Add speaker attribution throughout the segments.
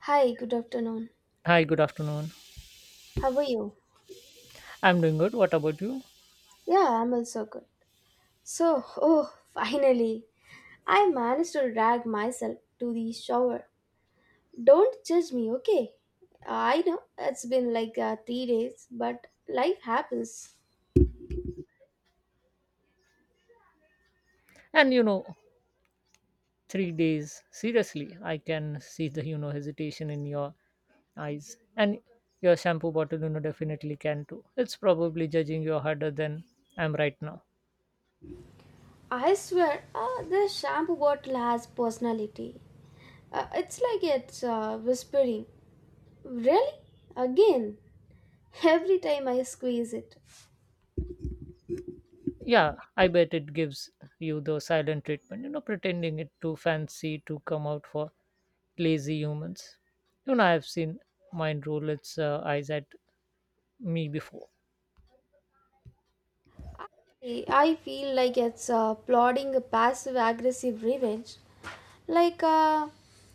Speaker 1: Hi, good afternoon.
Speaker 2: Hi, good afternoon.
Speaker 1: How are you?
Speaker 2: I'm doing good. What about you?
Speaker 1: Yeah, I'm also good. So, oh, finally, I managed to drag myself to the shower. Don't judge me, okay? I know it's been like 3 days, but life happens.
Speaker 2: And 3 days. Seriously, I can see the hesitation in your eyes, and your shampoo bottle definitely can too. It's probably judging you harder than I'm right now.
Speaker 1: I swear, this shampoo bottle has personality. It's like it's whispering. Really? Again? Every time I squeeze it.
Speaker 2: Yeah, I bet it gives you the silent treatment. Pretending it too fancy to come out for lazy humans. I've seen mine roll its eyes at me before.
Speaker 1: I feel like it's plotting a passive aggressive revenge. Like, uh,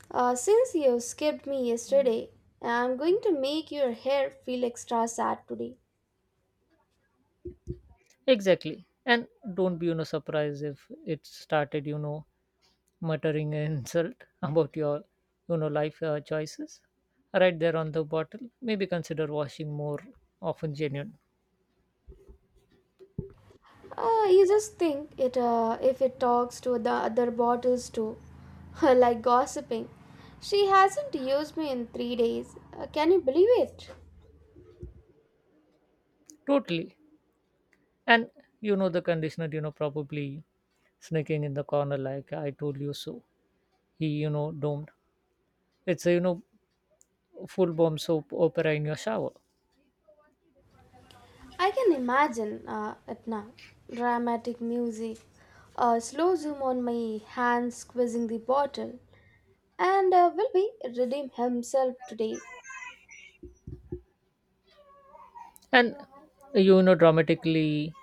Speaker 1: uh, since you skipped me yesterday, I'm going to make your hair feel extra sad today.
Speaker 2: Exactly. And don't be surprised if it started muttering an insult about your life choices right there on the bottle. Maybe consider washing more often genuine.
Speaker 1: You just think it, if it talks to the other bottles too, like gossiping. She hasn't used me in 3 days. Can you believe it?
Speaker 2: Totally. And the conditioner probably sneaking in the corner like I told you so. He domed. It's a full bomb soap opera in your shower.
Speaker 1: I can imagine it now. Dramatic music, a slow zoom on my hand squeezing the bottle, and will be redeem himself today.
Speaker 2: And dramatically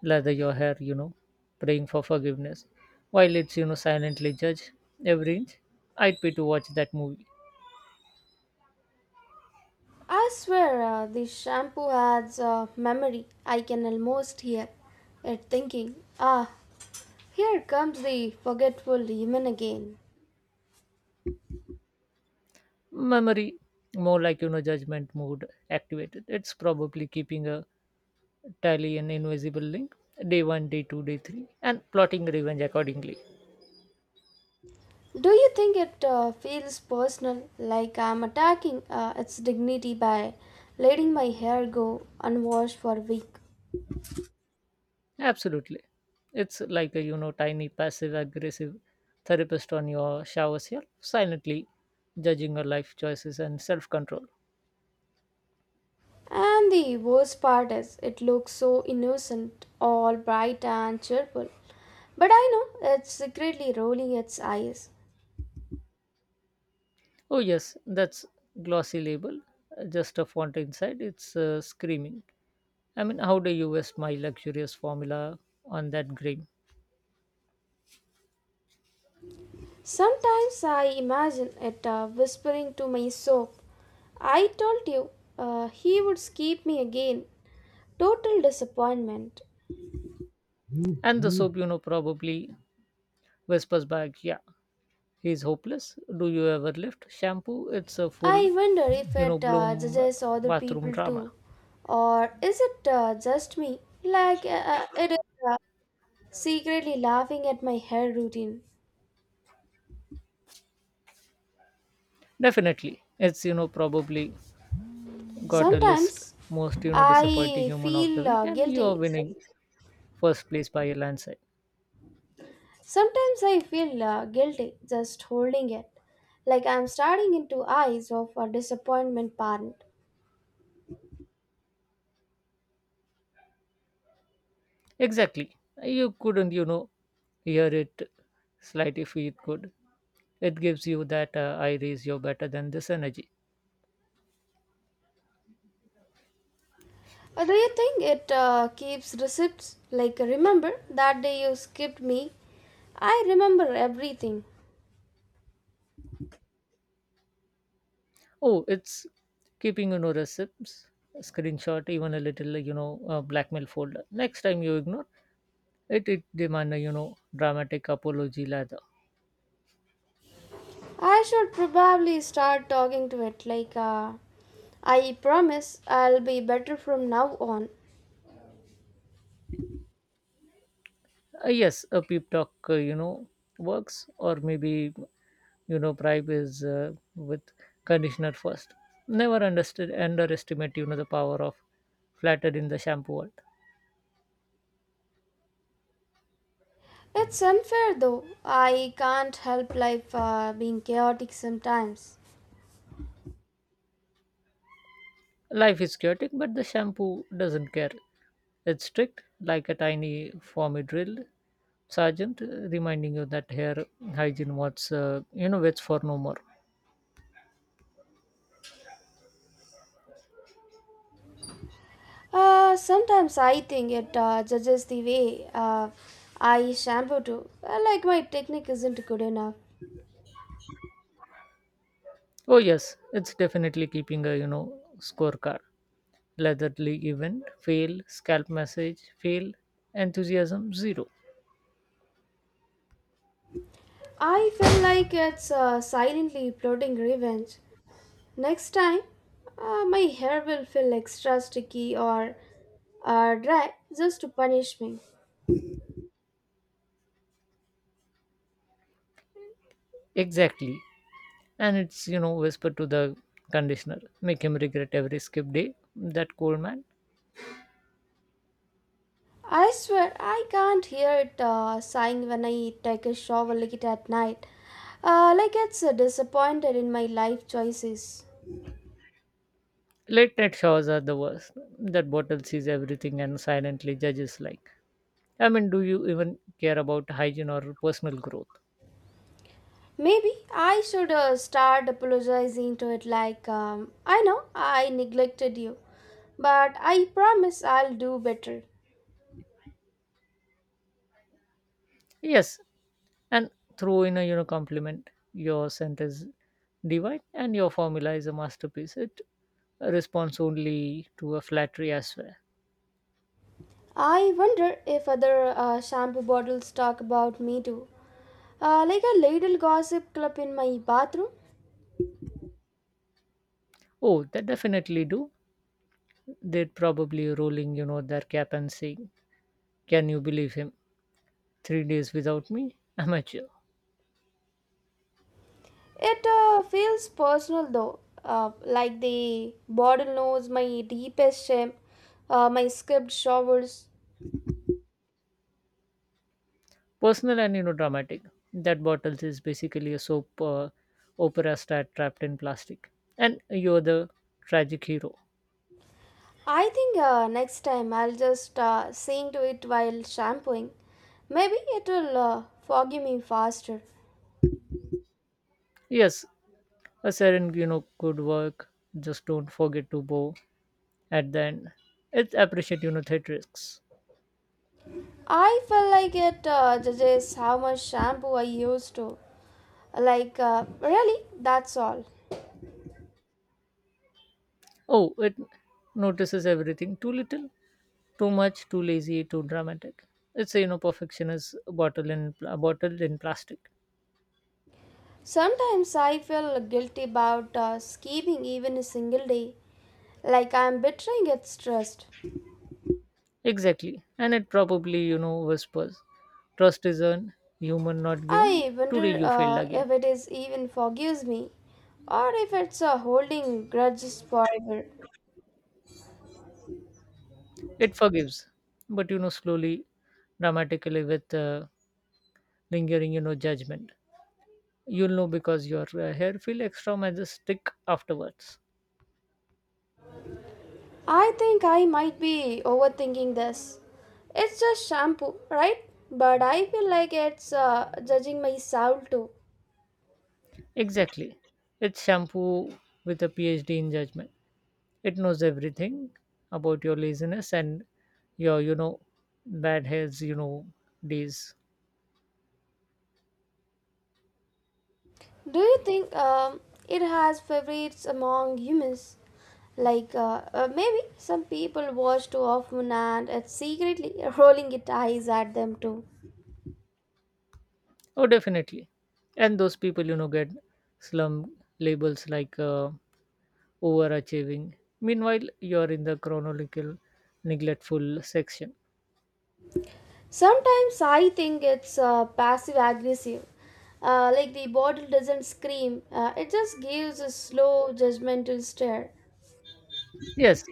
Speaker 2: lather your hair, praying for forgiveness, while it's silently judge every inch. I'd pay to watch that movie.
Speaker 1: I swear, the shampoo has a memory. I can almost hear it thinking, ah, here comes the forgetful demon again.
Speaker 2: Memory, more like, judgment mode activated. It's probably keeping a tally an invisible link, day one, day two, day three, and plotting revenge accordingly.
Speaker 1: Do you think it feels personal, like I'm attacking its dignity by letting my hair go unwashed for a week?
Speaker 2: Absolutely. It's like a tiny passive aggressive therapist on your shower self, silently judging your life choices and self control.
Speaker 1: And the worst part is, it looks so innocent, all bright and cheerful. But I know it's secretly rolling its eyes.
Speaker 2: Oh, yes, that's glossy label. Just a font inside. It's screaming. I mean, how do you waste my luxurious formula on that grim?
Speaker 1: Sometimes I imagine it whispering to my soap, I told you he would skip me again. Total disappointment.
Speaker 2: And the soap, probably whispers back, yeah, he's hopeless. Do you ever lift shampoo? It's a full,
Speaker 1: I wonder if
Speaker 2: you know,
Speaker 1: it
Speaker 2: bloom
Speaker 1: judges other
Speaker 2: bathroom
Speaker 1: people
Speaker 2: drama.
Speaker 1: too. Or is it just me? Like it is uh, secretly laughing at my hair routine.
Speaker 2: Definitely. It's probably got a list
Speaker 1: Sometimes
Speaker 2: most, disappointing
Speaker 1: I
Speaker 2: human of the
Speaker 1: feel
Speaker 2: week, and you're
Speaker 1: guilty.
Speaker 2: winning first place by a landslide.
Speaker 1: Sometimes I feel guilty just holding it, like I'm staring into eyes of a disappointment parent.
Speaker 2: Exactly. You couldn't hear it slight if it could. It gives you that I raise you better than this energy.
Speaker 1: Do you think it keeps receipts? Like remember that day you skipped me? I remember everything.
Speaker 2: Oh, it's keeping receipts, screenshot, even a little blackmail folder. Next time you ignore it, it demand, a dramatic apology lather.
Speaker 1: I should probably start talking to it. Like I promise I'll be better from now on.
Speaker 2: Yes, a peep talk, works, or maybe bribe is with conditioner first never understood underestimate the power of flatter in the shampoo world.
Speaker 1: It's unfair though. I can't help life being chaotic sometimes.
Speaker 2: Life is chaotic but the shampoo doesn't care. It's strict like a tiny formy drill sergeant, reminding you that hair hygiene what's waits for no more.
Speaker 1: Sometimes I think it judges the way I shampoo too. Like my technique isn't good enough.
Speaker 2: Oh yes, it's definitely keeping a scorecard, leatherly event fail, scalp message fail, enthusiasm zero.
Speaker 1: I feel like it's silently plotting revenge. Next time, my hair will feel extra sticky or dry just to punish me.
Speaker 2: Exactly, and it's whispered to the conditioner, make him regret every skip day, that cold man.
Speaker 1: I swear I can't hear it sighing when I take a shower late at night. Like it's disappointed in my life choices.
Speaker 2: Late night showers are the worst. That bottle sees everything and silently judges, like, I mean, do you even care about hygiene or personal growth?
Speaker 1: Maybe I should start apologizing to it like, I know I neglected you, but I promise I'll do better.
Speaker 2: Yes, and throw in a compliment, your scent is divine and your formula is a masterpiece. It responds only to a flattery as well.
Speaker 1: I wonder if other shampoo bottles talk about me too. Like a little gossip club in my bathroom.
Speaker 2: Oh, they definitely do. They'd probably rolling their cap and saying, can you believe him? 3 days without me? Amateur.
Speaker 1: It feels personal though, like the bottle knows my deepest shame, my skipped showers.
Speaker 2: Personal and dramatic. That bottles is basically a soap opera star trapped in plastic. And you're the tragic hero.
Speaker 1: I think next time I'll just sing to it while shampooing. Maybe it will forgive me faster.
Speaker 2: Yes, a siren could work. Just don't forget to bow at the end. It appreciate theatrics.
Speaker 1: I feel like it judges how much shampoo I used to. Like, really, that's all.
Speaker 2: Oh, it notices everything. Too little, too much, too lazy, too dramatic. It's a perfectionist bottle in a bottle in plastic.
Speaker 1: Sometimes I feel guilty about skipping even a single day, like I'm betraying its trust.
Speaker 2: Exactly. And it probably whispers, trust is earned, human not given.
Speaker 1: I
Speaker 2: Today
Speaker 1: wonder
Speaker 2: you failed again.
Speaker 1: if it is even forgives me or if it's a holding grudges forever.
Speaker 2: It forgives, but slowly, dramatically with lingering, judgment. You'll know because your hair feel extra majestic afterwards.
Speaker 1: I think I might be overthinking this. It's just shampoo, right? But I feel like it's judging my soul too.
Speaker 2: Exactly. It's shampoo with a PhD in judgment. It knows everything about your laziness and your bad hairs, days.
Speaker 1: Do you think it has favorites among humans? Like maybe some people watch too often and it's secretly rolling its eyes at them too.
Speaker 2: Oh, definitely. And those people get slum labels like overachieving. Meanwhile, you're in the chronological, neglectful section.
Speaker 1: Sometimes I think it's passive aggressive. Like the bottle doesn't scream, it just gives a slow, judgmental stare.
Speaker 2: Yes,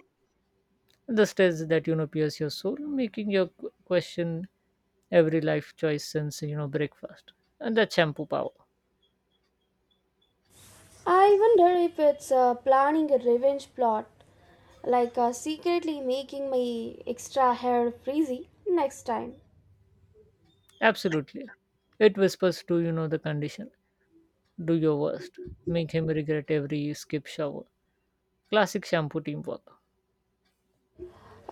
Speaker 2: the stress that pierce your soul, making you question every life choice since breakfast. And that shampoo power.
Speaker 1: I wonder if it's planning a revenge plot, like secretly making my extra hair frizzy next time.
Speaker 2: Absolutely. It whispers to the condition. Do your worst. Make him regret every skip shower. Classic shampoo teamwork.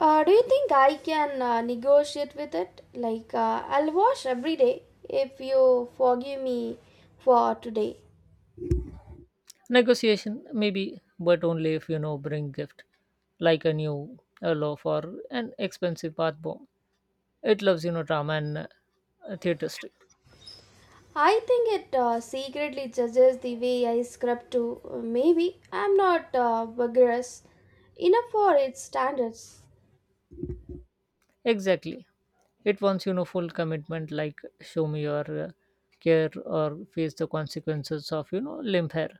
Speaker 1: Do you think I can negotiate with it? Like, I'll wash every day if you forgive me for today.
Speaker 2: Negotiation maybe, but only if bring gift, like a new a loaf or an expensive bath bomb. It loves drama and theater stick.
Speaker 1: I think it secretly judges the way I scrub too. Maybe I'm not vigorous enough for its standards.
Speaker 2: Exactly. It wants full commitment, like show me your care or face the consequences of limp hair.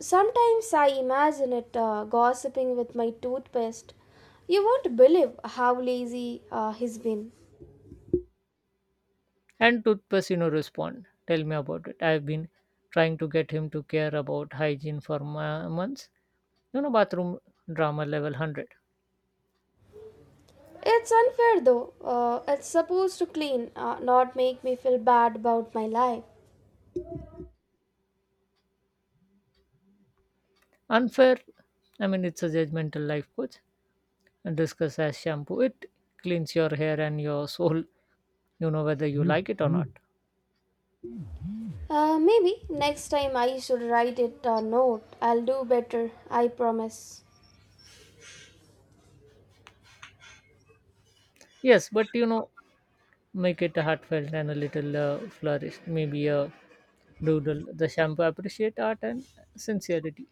Speaker 1: Sometimes I imagine it gossiping with my toothpaste. You won't believe how lazy he's been.
Speaker 2: And toothpaste respond. Tell me about it. I've been trying to get him to care about hygiene for months, bathroom drama level 100.
Speaker 1: It's unfair though. It's supposed to clean, not make me feel bad about my life.
Speaker 2: Unfair, I mean, it's a judgmental life coach discuss as shampoo. It cleans your hair and your soul, whether you like it or not.
Speaker 1: Maybe next time I should write it a note. I'll do better, I promise.
Speaker 2: Yes, but make it heartfelt and a little flourished, maybe a doodle. The shampoo appreciate art and sincerity.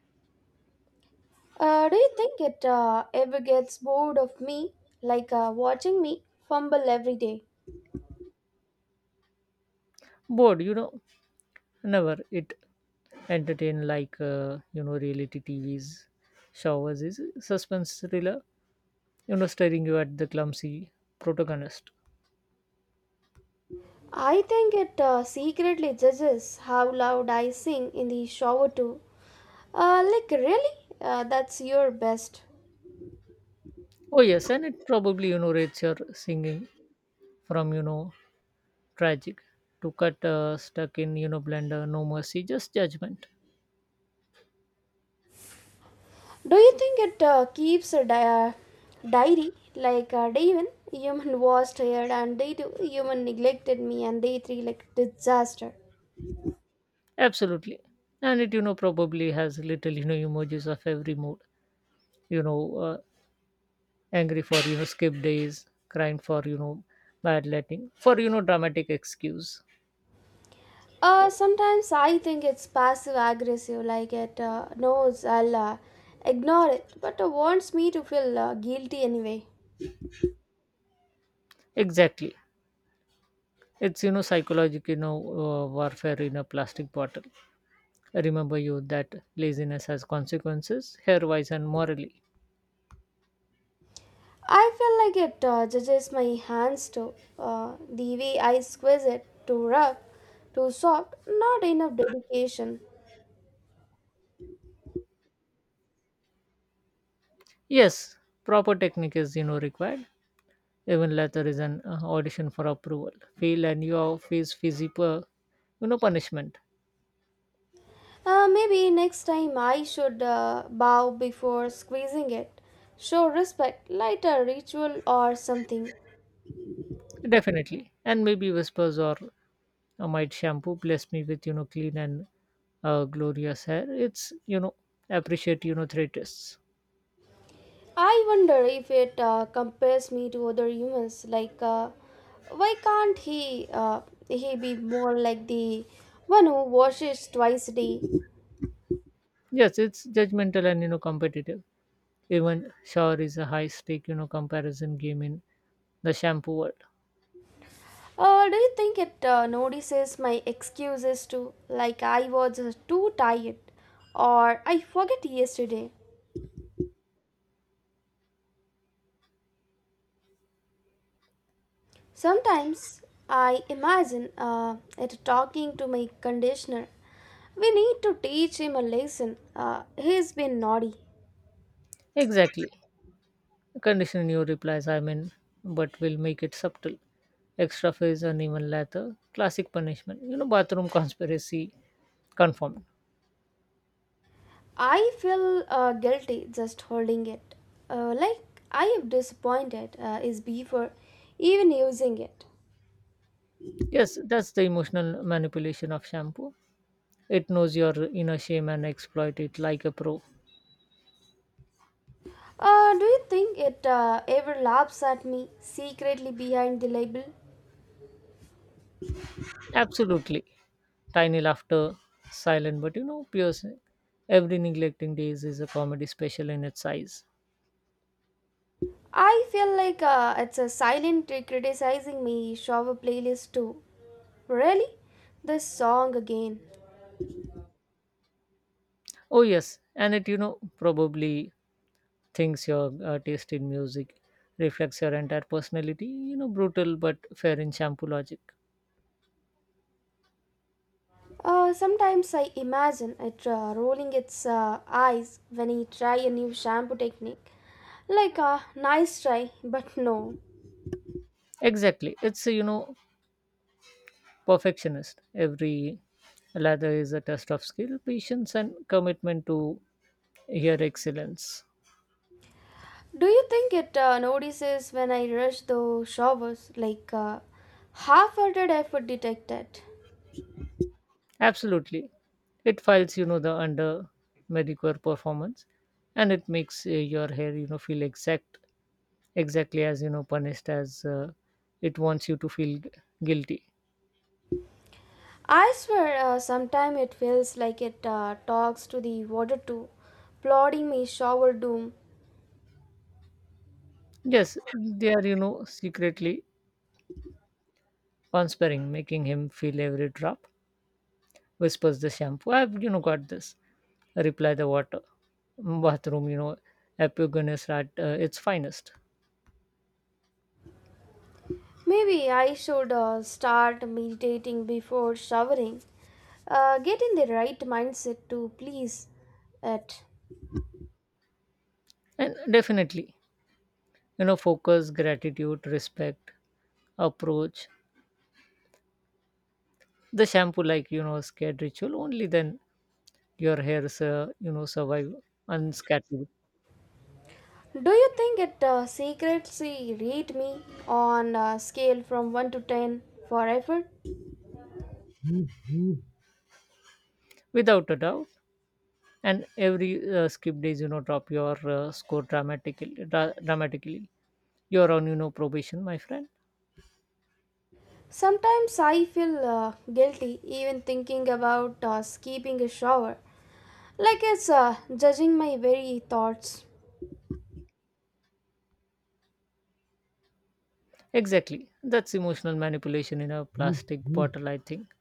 Speaker 1: Do you think it ever gets bored of me, like watching me fumble every day?
Speaker 2: Bored, never it entertain like reality TVs, showers is suspense thriller. Staring you at the clumsy protagonist.
Speaker 1: I think it secretly judges how loud I sing in the shower too. Like really, that's your best.
Speaker 2: Oh yes, and it probably rates your singing from tragic to cut stuck in blender, no mercy, just judgment.
Speaker 1: Do you think it keeps a uh, diary like David? Human was tired and day two, human neglected me and day three like disaster.
Speaker 2: Absolutely, and it probably has little emojis of every mood, you know uh, angry for skip days, crying for bad letting, for dramatic excuse.
Speaker 1: Sometimes I think it's passive aggressive, like it knows I'll ignore it, but wants me to feel guilty anyway.
Speaker 2: Exactly, it's psychological, warfare in a plastic bottle, remember you that laziness has consequences hair wise and morally.
Speaker 1: I feel like it judges my hands too. The way I squeeze it, too rough, too soft, not enough dedication.
Speaker 2: Yes, proper technique is required. Even letter is an audition for approval. Fail and you all face physical, punishment.
Speaker 1: Maybe next time I should bow before squeezing it, show respect, light a ritual or something.
Speaker 2: Definitely. And maybe whispers or a might shampoo bless me with, clean and glorious hair. It's appreciate, threats.
Speaker 1: I wonder if it compares me to other humans. Like, why can't he be more like the one who washes twice a day?
Speaker 2: Yes, it's judgmental and competitive. Even shower is a high stake, comparison game in the shampoo world.
Speaker 1: Do you think it notices my excuses too? Like, I was too tired, or I forget yesterday. Sometimes I imagine it talking to my conditioner. We need to teach him a lesson. He's been naughty.
Speaker 2: Exactly. Condition your replies, I mean, but will make it subtle. Extra phase and even later. Classic punishment. Bathroom conspiracy confirmed.
Speaker 1: I feel guilty just holding it. Like I am disappointed is before even using it.
Speaker 2: Yes, that's the emotional manipulation of shampoo. It knows your inner shame and exploit it like a pro.
Speaker 1: Do you think it ever laughs at me secretly behind the label?
Speaker 2: Absolutely. Tiny laughter, silent but piercing. Every neglecting days is a comedy special in its size.
Speaker 1: I feel like it's a silent criticizing me shower playlist too. Really? This song again.
Speaker 2: Oh yes, and it probably thinks your taste in music reflects your entire personality, brutal but fair in shampoo logic.
Speaker 1: Sometimes I imagine it rolling its eyes when I try a new shampoo technique. Like a nice try, but no.
Speaker 2: Exactly, it's a perfectionist. Every lather is a test of skill, patience, and commitment to your excellence.
Speaker 1: Do you think it notices when I rush the showers? Like half-hearted effort detected.
Speaker 2: Absolutely, it files the under medicare performance, and it makes your hair feel exactly as punished as it wants you to feel guilty.
Speaker 1: I swear, sometimes it feels like it talks to the water too, plodding my shower doom.
Speaker 2: Yes, they are secretly conspiring, making him feel every drop, whispers the shampoo, I've got this. Reply the water. Bathroom, epigonus at its finest.
Speaker 1: Maybe I should start meditating before showering. Get in the right mindset to please it.
Speaker 2: And definitely, focus, gratitude, respect, approach. The shampoo, like, scared ritual, only then your hairs, survive unscathed.
Speaker 1: Do you think it secretly rate me on a scale from 1 to 10 for effort?
Speaker 2: Without a doubt. And every skip days, drop your score dramatically. Dramatically. You're on probation, my friend.
Speaker 1: Sometimes I feel guilty even thinking about skipping a shower, like it's judging my very thoughts.
Speaker 2: Exactly. That's emotional manipulation in a plastic bottle, I think.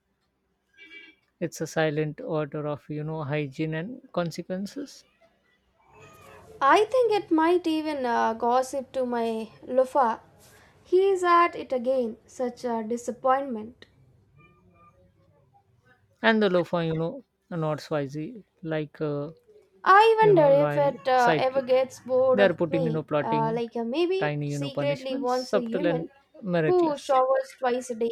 Speaker 2: It's a silent order of, hygiene and consequences.
Speaker 1: I think it might even gossip to my loafer. He's at it again, such a disappointment.
Speaker 2: And the loafer, are not Swazi, like a,
Speaker 1: I wonder if
Speaker 2: loyal
Speaker 1: it ever
Speaker 2: sidekick.
Speaker 1: gets bored
Speaker 2: They are
Speaker 1: of
Speaker 2: putting,
Speaker 1: me,
Speaker 2: plotting
Speaker 1: like maybe it
Speaker 2: tiny,
Speaker 1: secretly
Speaker 2: punishments,
Speaker 1: wants a
Speaker 2: subtle
Speaker 1: human
Speaker 2: and
Speaker 1: who
Speaker 2: miraculous.
Speaker 1: showers twice a day.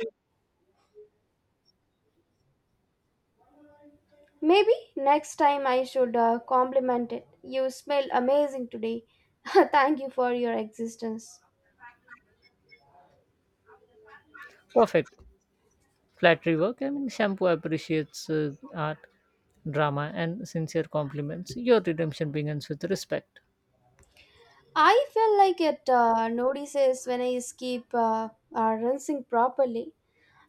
Speaker 1: Maybe next time I should compliment it. You smell amazing today. Thank you for your existence.
Speaker 2: Perfect. Flattery work. I mean, shampoo appreciates art, drama, and sincere compliments. Your redemption begins with respect.
Speaker 1: I feel like it notices when I keep rinsing properly.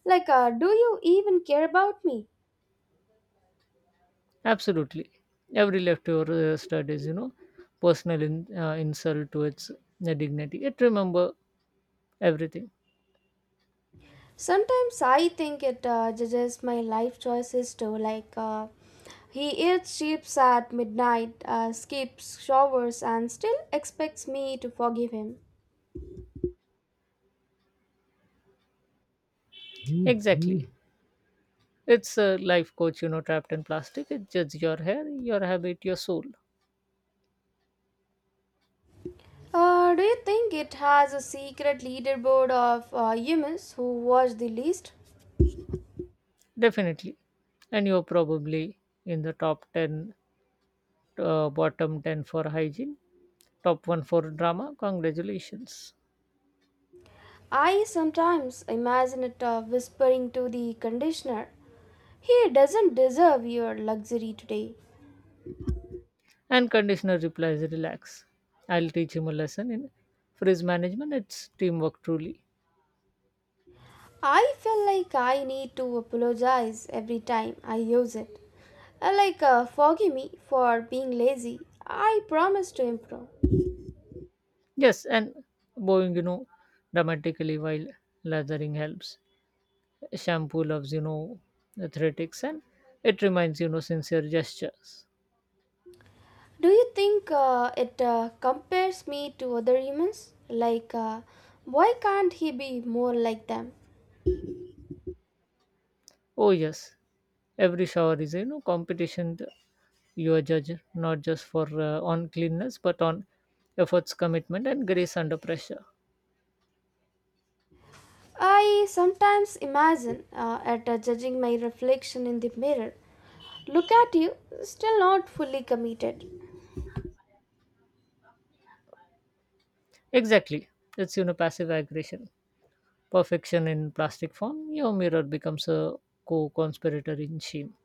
Speaker 1: Like, do you even care about me?
Speaker 2: Absolutely. Every leftover stud is personal in insult to its dignity. It remember everything.
Speaker 1: Sometimes I think it judges my life choices too. Like, he eats chips at midnight, skips showers, and still expects me to forgive him.
Speaker 2: Mhm. Exactly. It's a life coach, trapped in plastic. It judges your hair, your habit, your soul.
Speaker 1: Do you think it has a secret leaderboard of humans who watch the least?
Speaker 2: Definitely. And you're probably in the top 10, bottom 10 for hygiene, top 1 for drama. Congratulations.
Speaker 1: I sometimes imagine it whispering to the conditioner, He doesn't deserve your luxury today.
Speaker 2: And conditioner replies, relax. I'll teach him a lesson in frizz management. It's teamwork truly.
Speaker 1: I feel like I need to apologize every time I use it. Like, forgive me for being lazy. I promise to improve.
Speaker 2: Yes, and bowing, dramatically while lathering helps. Shampoo loves, athletics and it reminds, sincere gestures.
Speaker 1: Do you think it compares me to other humans? Like, why can't he be more like them?
Speaker 2: Oh, yes, every shower is competition. You are judged not just for on cleanness, but on efforts, commitment, and grace under pressure.
Speaker 1: I sometimes imagine at judging my reflection in the mirror. Look at you, still not fully committed.
Speaker 2: Exactly. It's passive aggression. Perfection in plastic form, your mirror becomes a co conspirator in shame.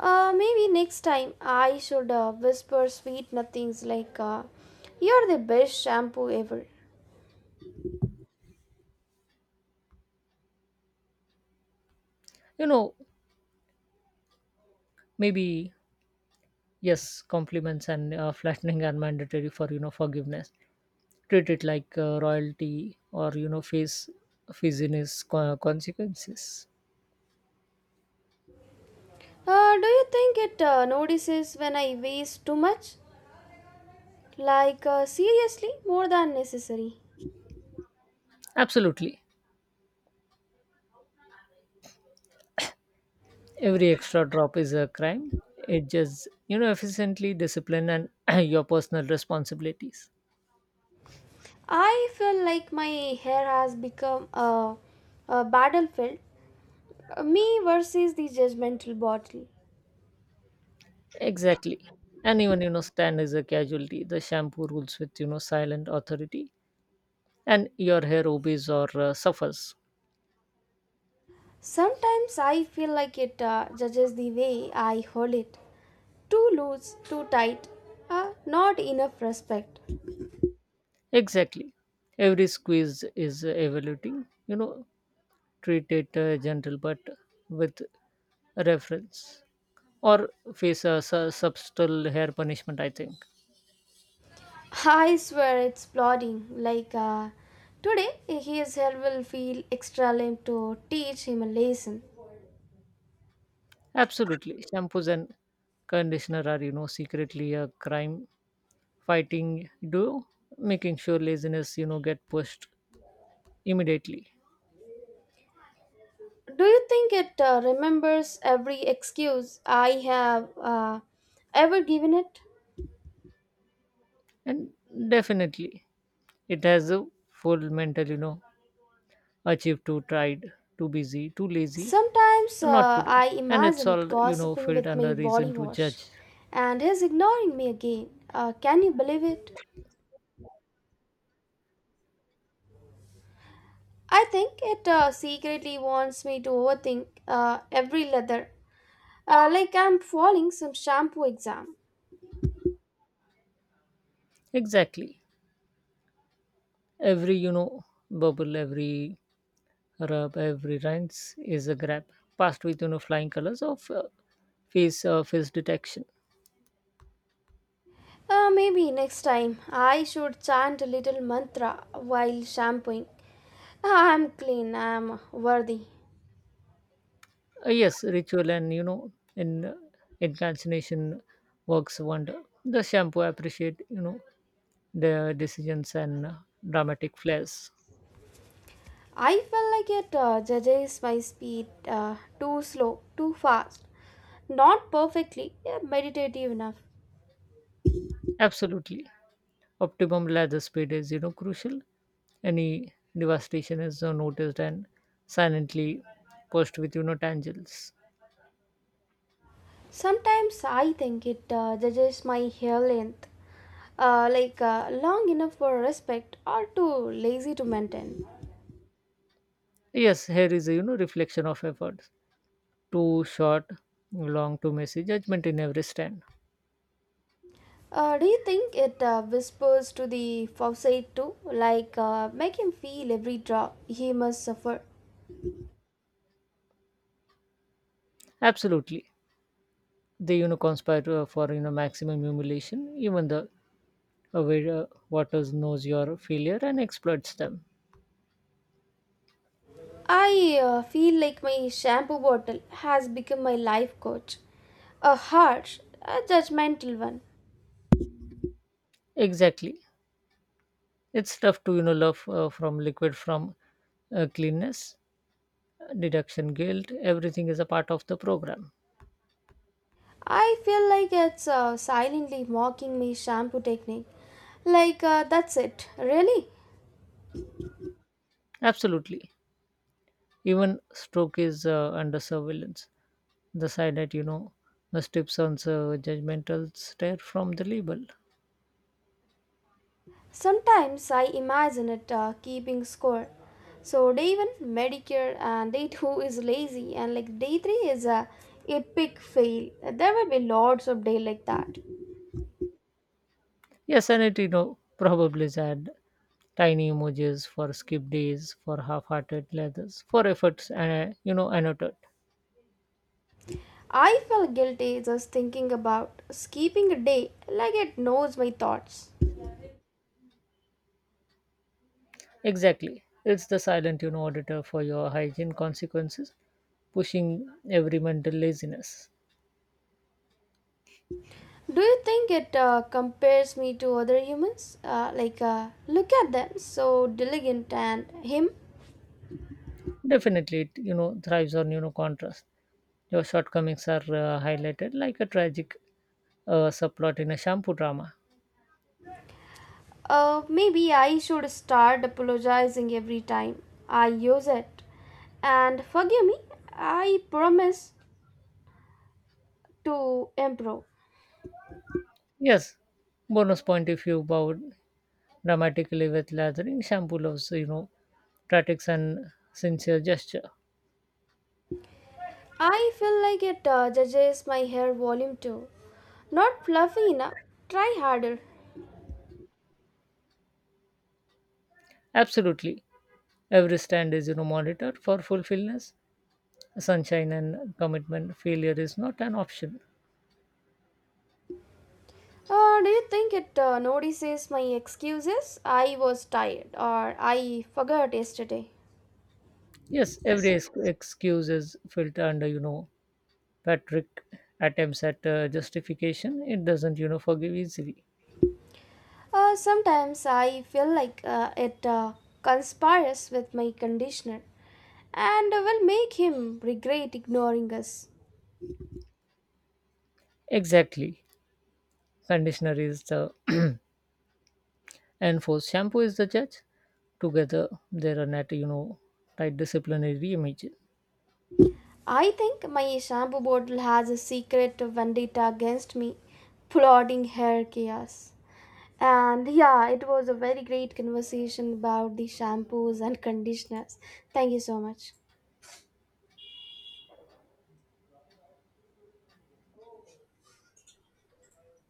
Speaker 1: Maybe next time I should whisper sweet nothings like, you're the best shampoo ever.
Speaker 2: You know, maybe Yes, compliments and flattening are mandatory for forgiveness. Treat it like royalty, or face business consequences.
Speaker 1: Do you think it notices when I waste too much? Like, seriously, more than necessary.
Speaker 2: Absolutely, every extra drop is a crime. It just efficiently discipline and your personal responsibilities.
Speaker 1: I feel like my hair has become a battlefield. Me versus the judgmental bottle.
Speaker 2: Exactly, and even stand is a casualty. The shampoo rules with silent authority, and your hair obeys or suffers.
Speaker 1: Sometimes I feel like it judges the way I hold it. Too loose, too tight, not enough respect.
Speaker 2: Exactly, every squeeze is evaluating, treat it gentle but with reference or face a, subtle hair punishment, I think.
Speaker 1: I swear it's plodding. Like today, his hair will feel extra limp to teach him a lesson.
Speaker 2: Absolutely, shampoos and conditioner are secretly a crime fighting duo, making sure laziness get pushed immediately.
Speaker 1: Do you think it remembers every excuse I have ever given it?
Speaker 2: And definitely it has a full mental, achieve, too tried, too busy, too lazy,
Speaker 1: Sometimes
Speaker 2: not today,
Speaker 1: I
Speaker 2: and it's
Speaker 1: imagine it
Speaker 2: all
Speaker 1: gossiping
Speaker 2: filled
Speaker 1: with
Speaker 2: under
Speaker 1: my body
Speaker 2: reason to
Speaker 1: wash
Speaker 2: judge.
Speaker 1: and is ignoring me again. Can you believe it? I think it secretly wants me to overthink every leather, like I'm falling some shampoo exam.
Speaker 2: Exactly. Every bubble, every rub, every rinse is a grab. Passed with, flying colors of face detection.
Speaker 1: Maybe next time I should chant a little mantra while shampooing. I'm clean, I'm worthy.
Speaker 2: Yes, ritual and in incantation works wonder. The shampoo appreciate, their decisions and dramatic flares.
Speaker 1: I feel like it judges my speed, too slow, too fast, not perfectly, yeah, meditative enough.
Speaker 2: Absolutely. Optimum lather speed is crucial. Any devastation is noticed and silently pushed with, tangles.
Speaker 1: Sometimes I think it judges my hair length, like long enough for respect or too lazy to maintain.
Speaker 2: Yes, here is a reflection of effort. Too short, long, too messy, judgment in every stand.
Speaker 1: Do you think it whispers to the faucet too, like make him feel every drop he must suffer?
Speaker 2: Absolutely, they conspire to, for maximum humiliation. Even the aware waters knows your failure and exploits them.
Speaker 1: I feel like my shampoo bottle has become my life coach, a harsh, a judgmental one.
Speaker 2: Exactly, it's tough to love from liquid from cleanness, deduction, guilt. Everything is a part of the program.
Speaker 1: I feel like it's silently mocking my shampoo technique. Like, that's it, really?
Speaker 2: Absolutely, even stroke is under surveillance. The silent, the strips on so judgmental stare from the label.
Speaker 1: Sometimes I imagine it keeping score. So day one, Medicare, and day two is lazy, and like day three is a epic fail. There will be lots of day like that.
Speaker 2: Yes, and it probably add tiny emojis for skip days, for half-hearted leathers, for efforts, and annotate.
Speaker 1: I feel guilty just thinking about skipping a day, like it knows my thoughts.
Speaker 2: Exactly. It's the silent, auditor for your hygiene consequences, pushing every mental laziness.
Speaker 1: Do you think it compares me to other humans? Like, look at them, so diligent, and him.
Speaker 2: Definitely, it thrives on, contrast. Your shortcomings are highlighted like a tragic subplot in a shampoo drama.
Speaker 1: Maybe I should start apologizing every time I use it. And forgive me, I promise to improve.
Speaker 2: Yes, bonus point if you bowed dramatically with lathering shampoo loves, tactics and sincere gesture.
Speaker 1: I feel like it judges my hair volume too. Not fluffy enough. Try harder.
Speaker 2: Absolutely. Every stand is monitored for fulfillness, sunshine and commitment. Failure is not an option.
Speaker 1: Do you think it notices my excuses? I was tired or I forgot yesterday.
Speaker 2: Yes, every excuse is filtered under, Patrick attempts at justification. It doesn't forgive easily.
Speaker 1: Sometimes I feel like it conspires with my conditioner and will make him regret ignoring us.
Speaker 2: Exactly. Conditioner is the enforced, shampoo is the judge. Together, they are not, tight disciplinary image.
Speaker 1: I think my shampoo bottle has a secret vendetta against me, plotting hair chaos. And yeah, it was a very great conversation about the shampoos and conditioners. Thank you so much.